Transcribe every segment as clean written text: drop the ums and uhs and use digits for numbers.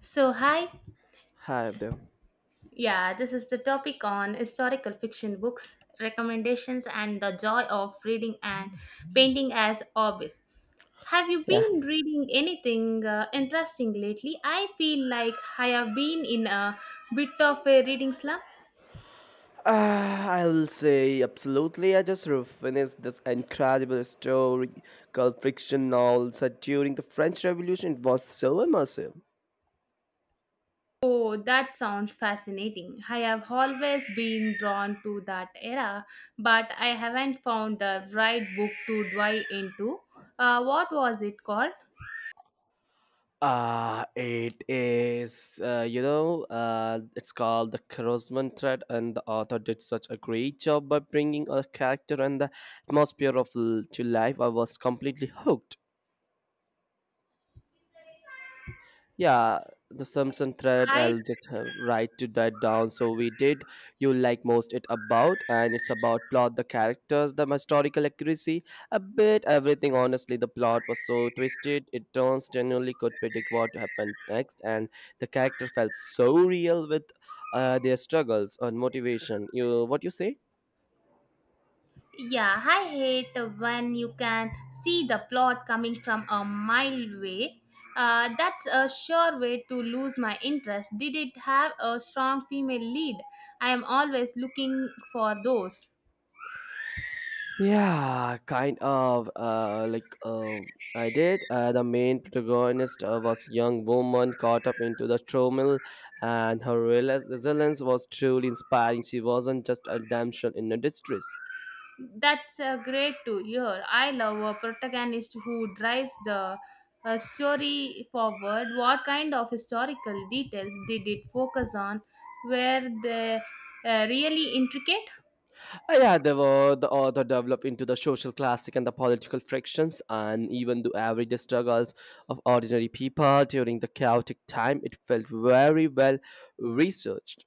So, hi. Hi, Abdul. Yeah, this is the topic on historical fiction books, recommendations, and the joy of reading and painting as hobbies. Have you Yeah. been reading anything interesting lately? I feel like I have been in a bit of a reading slump. I'll say absolutely. I just finished this incredible story called Friction Novel set during the French Revolution. It was so immersive. Oh, that sounds fascinating. I have always been drawn to that era, but I haven't found the right book to dive into. What was it called? It is, it's called The Crosman Thread, and the author did such a great job by bringing a character and the atmosphere of to life. I was completely hooked. Yeah, the Samson thread, I I'll just have write to that down. So we did you like most it about, and it's about plot, the characters, the historical accuracy, a bit everything. Honestly, the plot was so twisted, it turns genuinely could predict what happened next, and the character felt so real with their struggles and motivation. You, what you say? Yeah, I hate when you can see the plot coming from a mile away. That's a sure way to lose my interest. Did it have a strong female lead? I am always looking for those. Yeah, kind of. I did. The main protagonist was a young woman caught up into the turmoil, and her resilience was truly inspiring. She wasn't just a damsel in a distress. That's great to hear. I love a protagonist who drives the story forward. What kind of historical details did it focus on? Were they really intricate? Yeah, there were the author developed into the social classic and the political frictions, and even the everyday struggles of ordinary people during the chaotic time. It felt very well researched.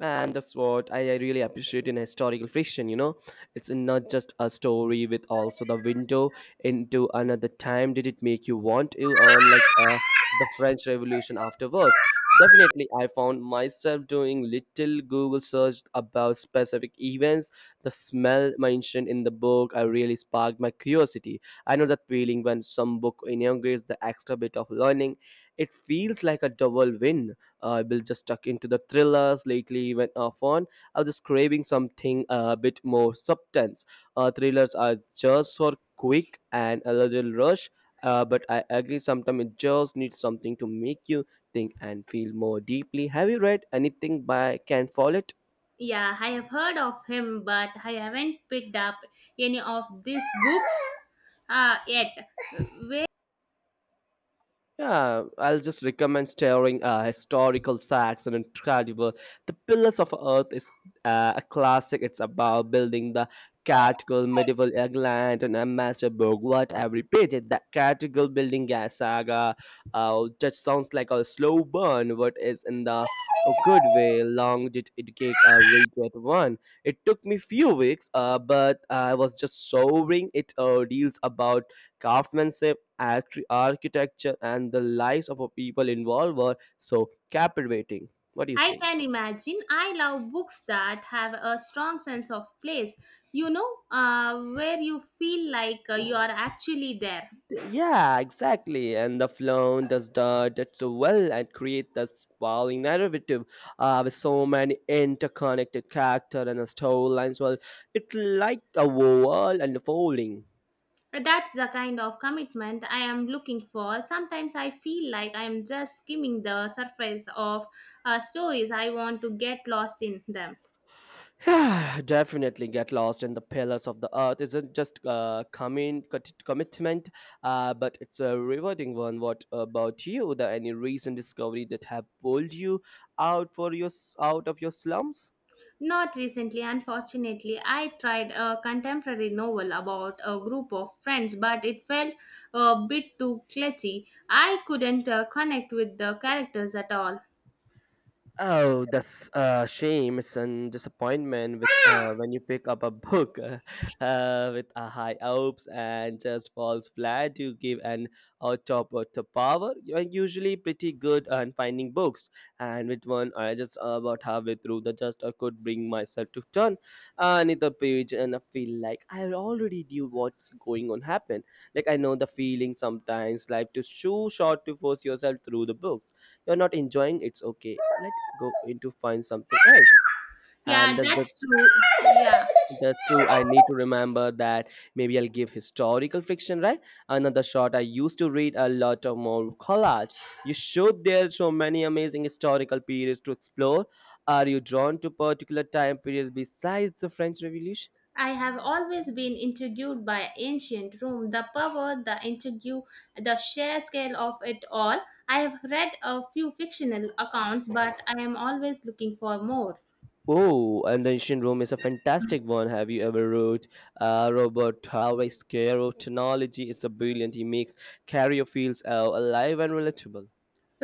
And that's what I really appreciate in historical fiction, you know, it's not just a story with also the window into another time. Did it make you want to earn like the French Revolution afterwards? Definitely, I found myself doing little Google search about specific events. The smell mentioned in the book, I really sparked my curiosity. I know that feeling when some book inaugurates the extra bit of learning. It feels like a double win. I will just stuck into the thrillers lately, even fun. I was just craving something a bit more substance. Thrillers are just for quick and a little rush, but I agree sometimes it just needs something to make you think and feel more deeply. Have you read anything by Ken Follett? Yeah, I have heard of him, but I haven't picked up any of these books yet. Yeah, I'll just recommend staring historical sacks and incredible. The Pillars of Earth is a classic. It's about building the cathedral, medieval England, and a master. What every page is that cathedral building saga. That sounds like a slow burn, but it's in the good way. Long did it take a read that one. It took me few weeks, but I was just showing. It deals about craftsmanship, architecture, and the lives of a people involved were so captivating. What do you I say? can imagine. I love books that have a strong sense of place, you know, where you feel like you are actually there. Yeah, exactly. And the film does the does so well and create this sprawling narrative with so many interconnected character and storylines. Well, it's like a world unfolding. That's the kind of commitment I am looking for. Sometimes I feel like I am just skimming the surface of stories. I want to get lost in them. Definitely get lost in the pillars of the earth isn't just commitment, but it's a rewarding one. What about you? The any recent discovery that have pulled you out for your out of your slums? Not recently, unfortunately. I tried a contemporary novel about a group of friends, but it felt a bit too clutchy. I couldn't connect with the characters at all. Oh, that's a shame. It's a disappointment with when you pick up a book with a high hopes and just falls flat. You give an out of power. You are usually pretty good on finding books, and with one, I just about halfway through the just I could bring myself to turn another page, and I feel like I already knew what's going on happen. Like I know the feeling sometimes. Life is too short to force yourself through the books you're not enjoying. It's okay let go into find something else. And Yeah, that's the that's true. Yeah. That's true, I need to remember that. Maybe I'll give historical fiction right another shot. I used to read a lot of more collage. You showed there so many amazing historical periods to explore. Are you drawn to particular time periods besides the French Revolution? I have always been intrigued by ancient Rome, the power, the intrigue, the sheer scale of it all. I have read a few fictional accounts, but I am always looking for more. Oh, and the ancient Rome is a fantastic one. Have you ever read Robert Harvey's Care of Technology? It's a brilliant. He makes career fields alive and relatable.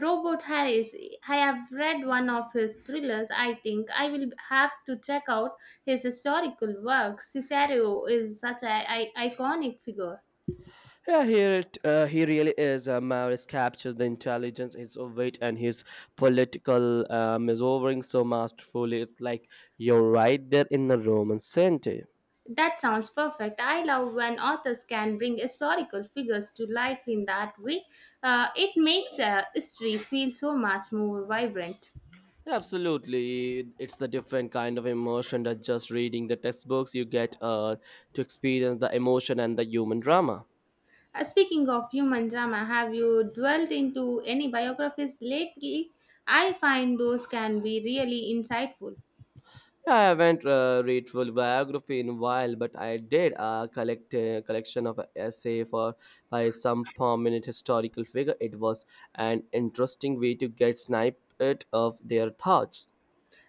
Robert Harris, I have read one of his thrillers. I think I will have to check out his historical work. Cicero is such an iconic figure. Yeah, here it he really is. Maris captures the intelligence, his wit, and his political maneuvering so masterfully. It's like you're right there in the Roman Senate. That sounds perfect. I love when authors can bring historical figures to life in that way. It makes history feel so much more vibrant. Absolutely, it's the different kind of emotion that just reading the textbooks you get to experience the emotion and the human drama. Speaking of human drama, have you dwelled into any biographies lately? I find those can be really insightful. I haven't read full biography in a while, but I did a collection of essay for by some prominent historical figure. It was an interesting way to get snippet of their thoughts.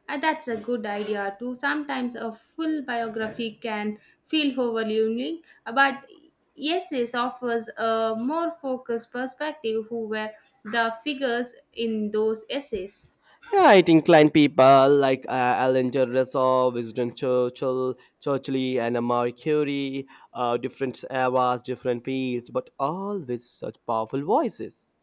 That's a good idea too. Sometimes a full biography can feel overwhelming, but Essays offers a more focused perspective who were the figures in those essays. Yeah, it inclined people like Alan Dershowitz, Winston Churchill, and Marie Curie, different eras, different fields, but all with such powerful voices.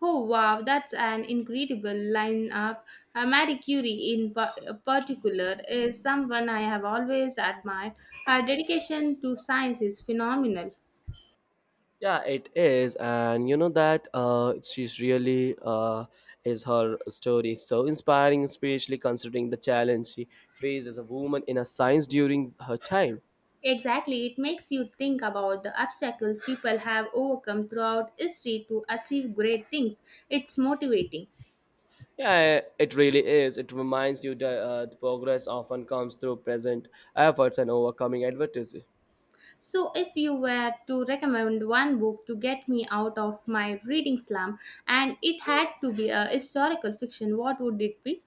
Oh wow, that's an incredible lineup. Marie Curie, in particular, is someone I have always admired. Her dedication to science is phenomenal. Yeah, it is, and you know that she's really is her story so inspiring, especially considering the challenge she faced as a woman in a science during her time. Exactly, it makes you think about the obstacles people have overcome throughout history to achieve great things. It's motivating. Yeah, it really is. It reminds you that the progress often comes through present efforts and overcoming adversity. So, if you were to recommend one book to get me out of my reading slump and it had to be a historical fiction, what would it be?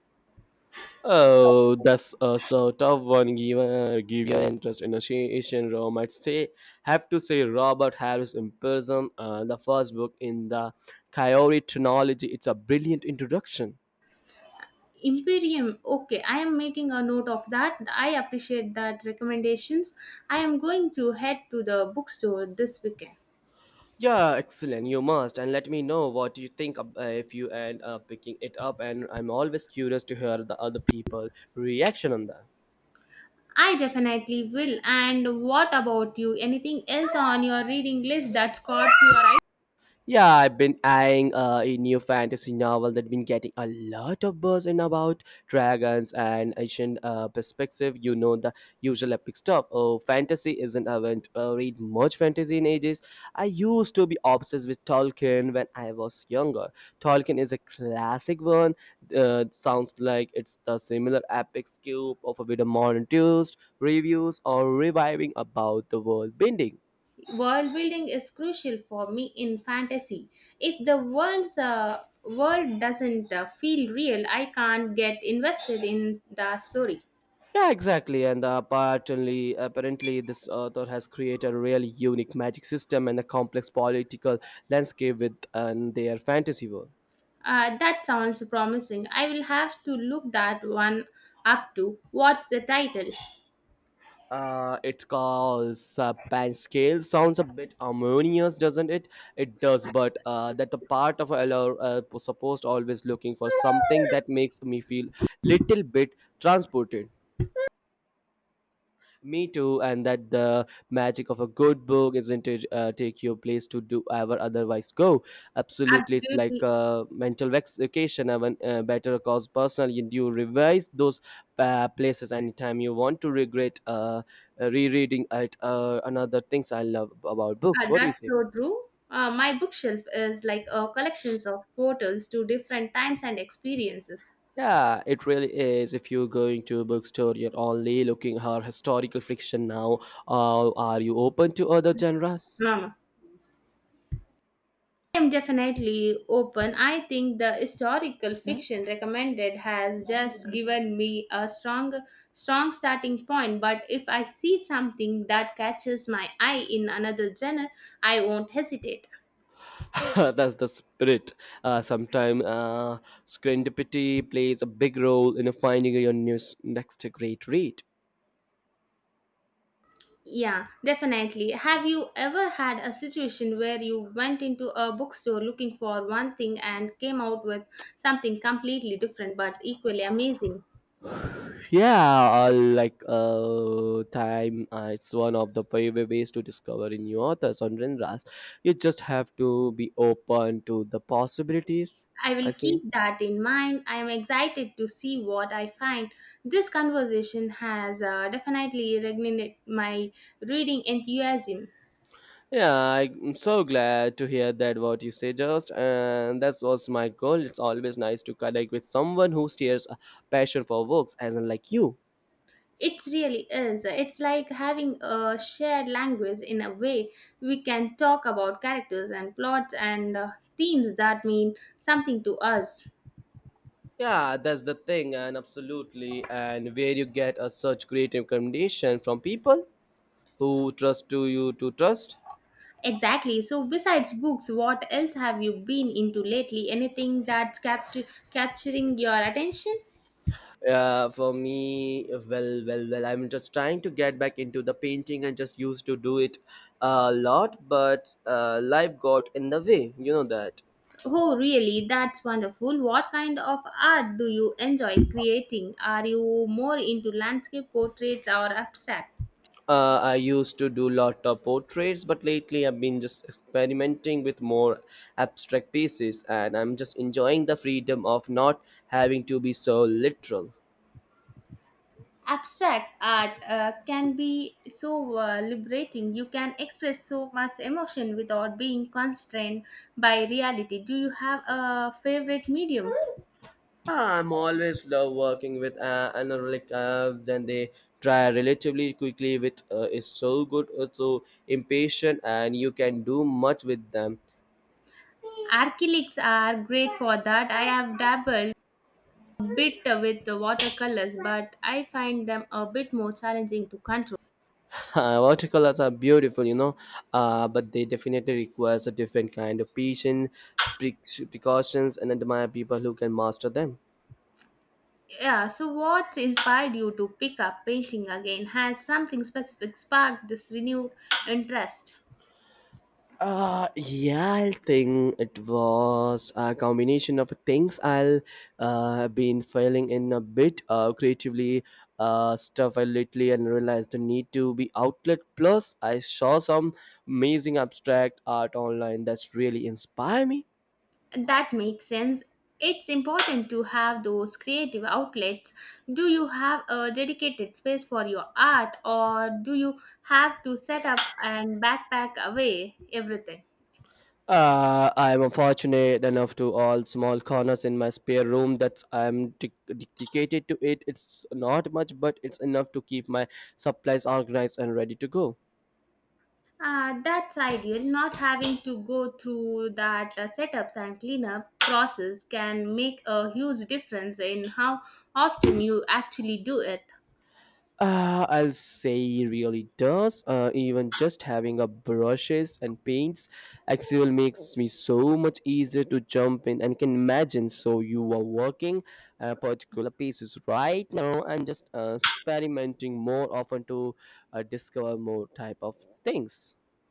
Oh, that's a sort of one given give your interest in Asian Rome. I'd say have to say Robert Harris in the first book in the Coyote Chronology. It's a brilliant introduction. Imperium. Okay, I am making a note of that. I appreciate that recommendations. I am going to head to the bookstore this weekend. Yeah, excellent. You must and let me know what you think if you end up picking it up. And I'm always curious to hear the other people' reaction on that. I definitely will. And what about you? Anything else on your reading list that's caught your eye? Yeah, I've been eyeing a new fantasy novel that's been getting a lot of buzz in about dragons and ancient perspective. You know the usual epic stuff. Oh, fantasy isn't I haven't read much fantasy in ages. I used to be obsessed with Tolkien when I was younger. Tolkien is a classic one. Sounds like it's the similar epic scope of a bit of modern twist, reviews, or reviving about the world bending. World building is crucial for me in fantasy. If the world's world doesn't feel real, I can't get invested in the story. Yeah, exactly. And apparently, this author has created a really unique magic system and a complex political landscape with their fantasy world. That sounds promising. I will have to look that one up to. What's the title? It's called Saban Scale. Sounds a bit harmonious, doesn't it? It does, but that the part of a LR, supposed always looking for something that makes me feel little bit transported. Me too, and that the magic of a good book isn't it take your place to do ever otherwise go. Absolutely, it's like Absolutely. a mental vacation, even better cause personal. You revise those places anytime you want to regret rereading it. Another things I love about books. Ah, What do you that's say? so true. My bookshelf is like a collections of portals to different times and experiences. Yeah, it really is. If you're going to a bookstore, you're only looking her historical fiction now. Are you open to other genres? Mama. I am definitely open. I think the historical fiction recommended has just given me a strong starting point, but if I see something that catches my eye in another genre, I won't hesitate. That's the spirit. Sometimes serendipity plays a big role in finding your news, next great read. Yeah, definitely. Have you ever had a situation where you went into a bookstore looking for one thing and came out with something completely different but equally amazing? Yeah, time, it's one of the favorite ways to discover in new authors on Renras. You just have to be open to the possibilities, I will I think. keep that in mind. I am excited to see what I find. This conversation has definitely reignited my reading enthusiasm. Yeah, I'm so glad to hear that what you say just and that was my goal. It's always nice to connect with someone who shares a passion for books as in like you. It really is. It's like having a shared language in a way we can talk about characters and plots and themes that mean something to us. Yeah, that's the thing, and absolutely, and where you get a such great recommendation from people who trust to you to trust. Exactly. So, besides books, what else have you been into lately? Anything that's capturing your attention? For me, well, I'm just trying to get back into the painting. I just used to do it a lot, but life got in the way. You know that. Oh, really? That's wonderful. What kind of art do you enjoy creating? Are you more into landscape portraits or abstract? I used to do lot of portraits, but lately I've been just experimenting with more abstract pieces, and I'm just enjoying the freedom of not having to be so literal. Abstract art can be so liberating. You can express so much emotion without being constrained by reality. Do you have a favorite medium? I'm always love working with Anurag. Then they try relatively quickly with is so good, so impatient, and you can do much with them. Acrylics are great for that. I have dabbled a bit with the watercolors, but I find them a bit more challenging to control. Watercolors are beautiful, you know, but they definitely requires a different kind of patience, pre- precautions, and admire people who can master them. Yeah, so what inspired you to pick up painting again? Has something specific sparked this renewed interest? Yeah, I think it was a combination of things. I'll been failing in a bit creatively stuff I lately and realized the need to be outlet. Plus, I saw some amazing abstract art online that's really inspire me. That makes sense. It's important to have those creative outlets. Do you have a dedicated space for your art, or do you have to set up and backpack away everything? I'm fortunate enough to all small corners in my spare room that I'm dedicated to it. It's not much, but it's enough to keep my supplies organized and ready to go. That's ideal. Not having to go through that setups and cleanup process can make a huge difference in how often you actually do it. I'll say really does. Even just having a brushes and paints, Excel makes me so much easier to jump in and can imagine. So you are working particular pieces right now and just experimenting more often to discover more type of things.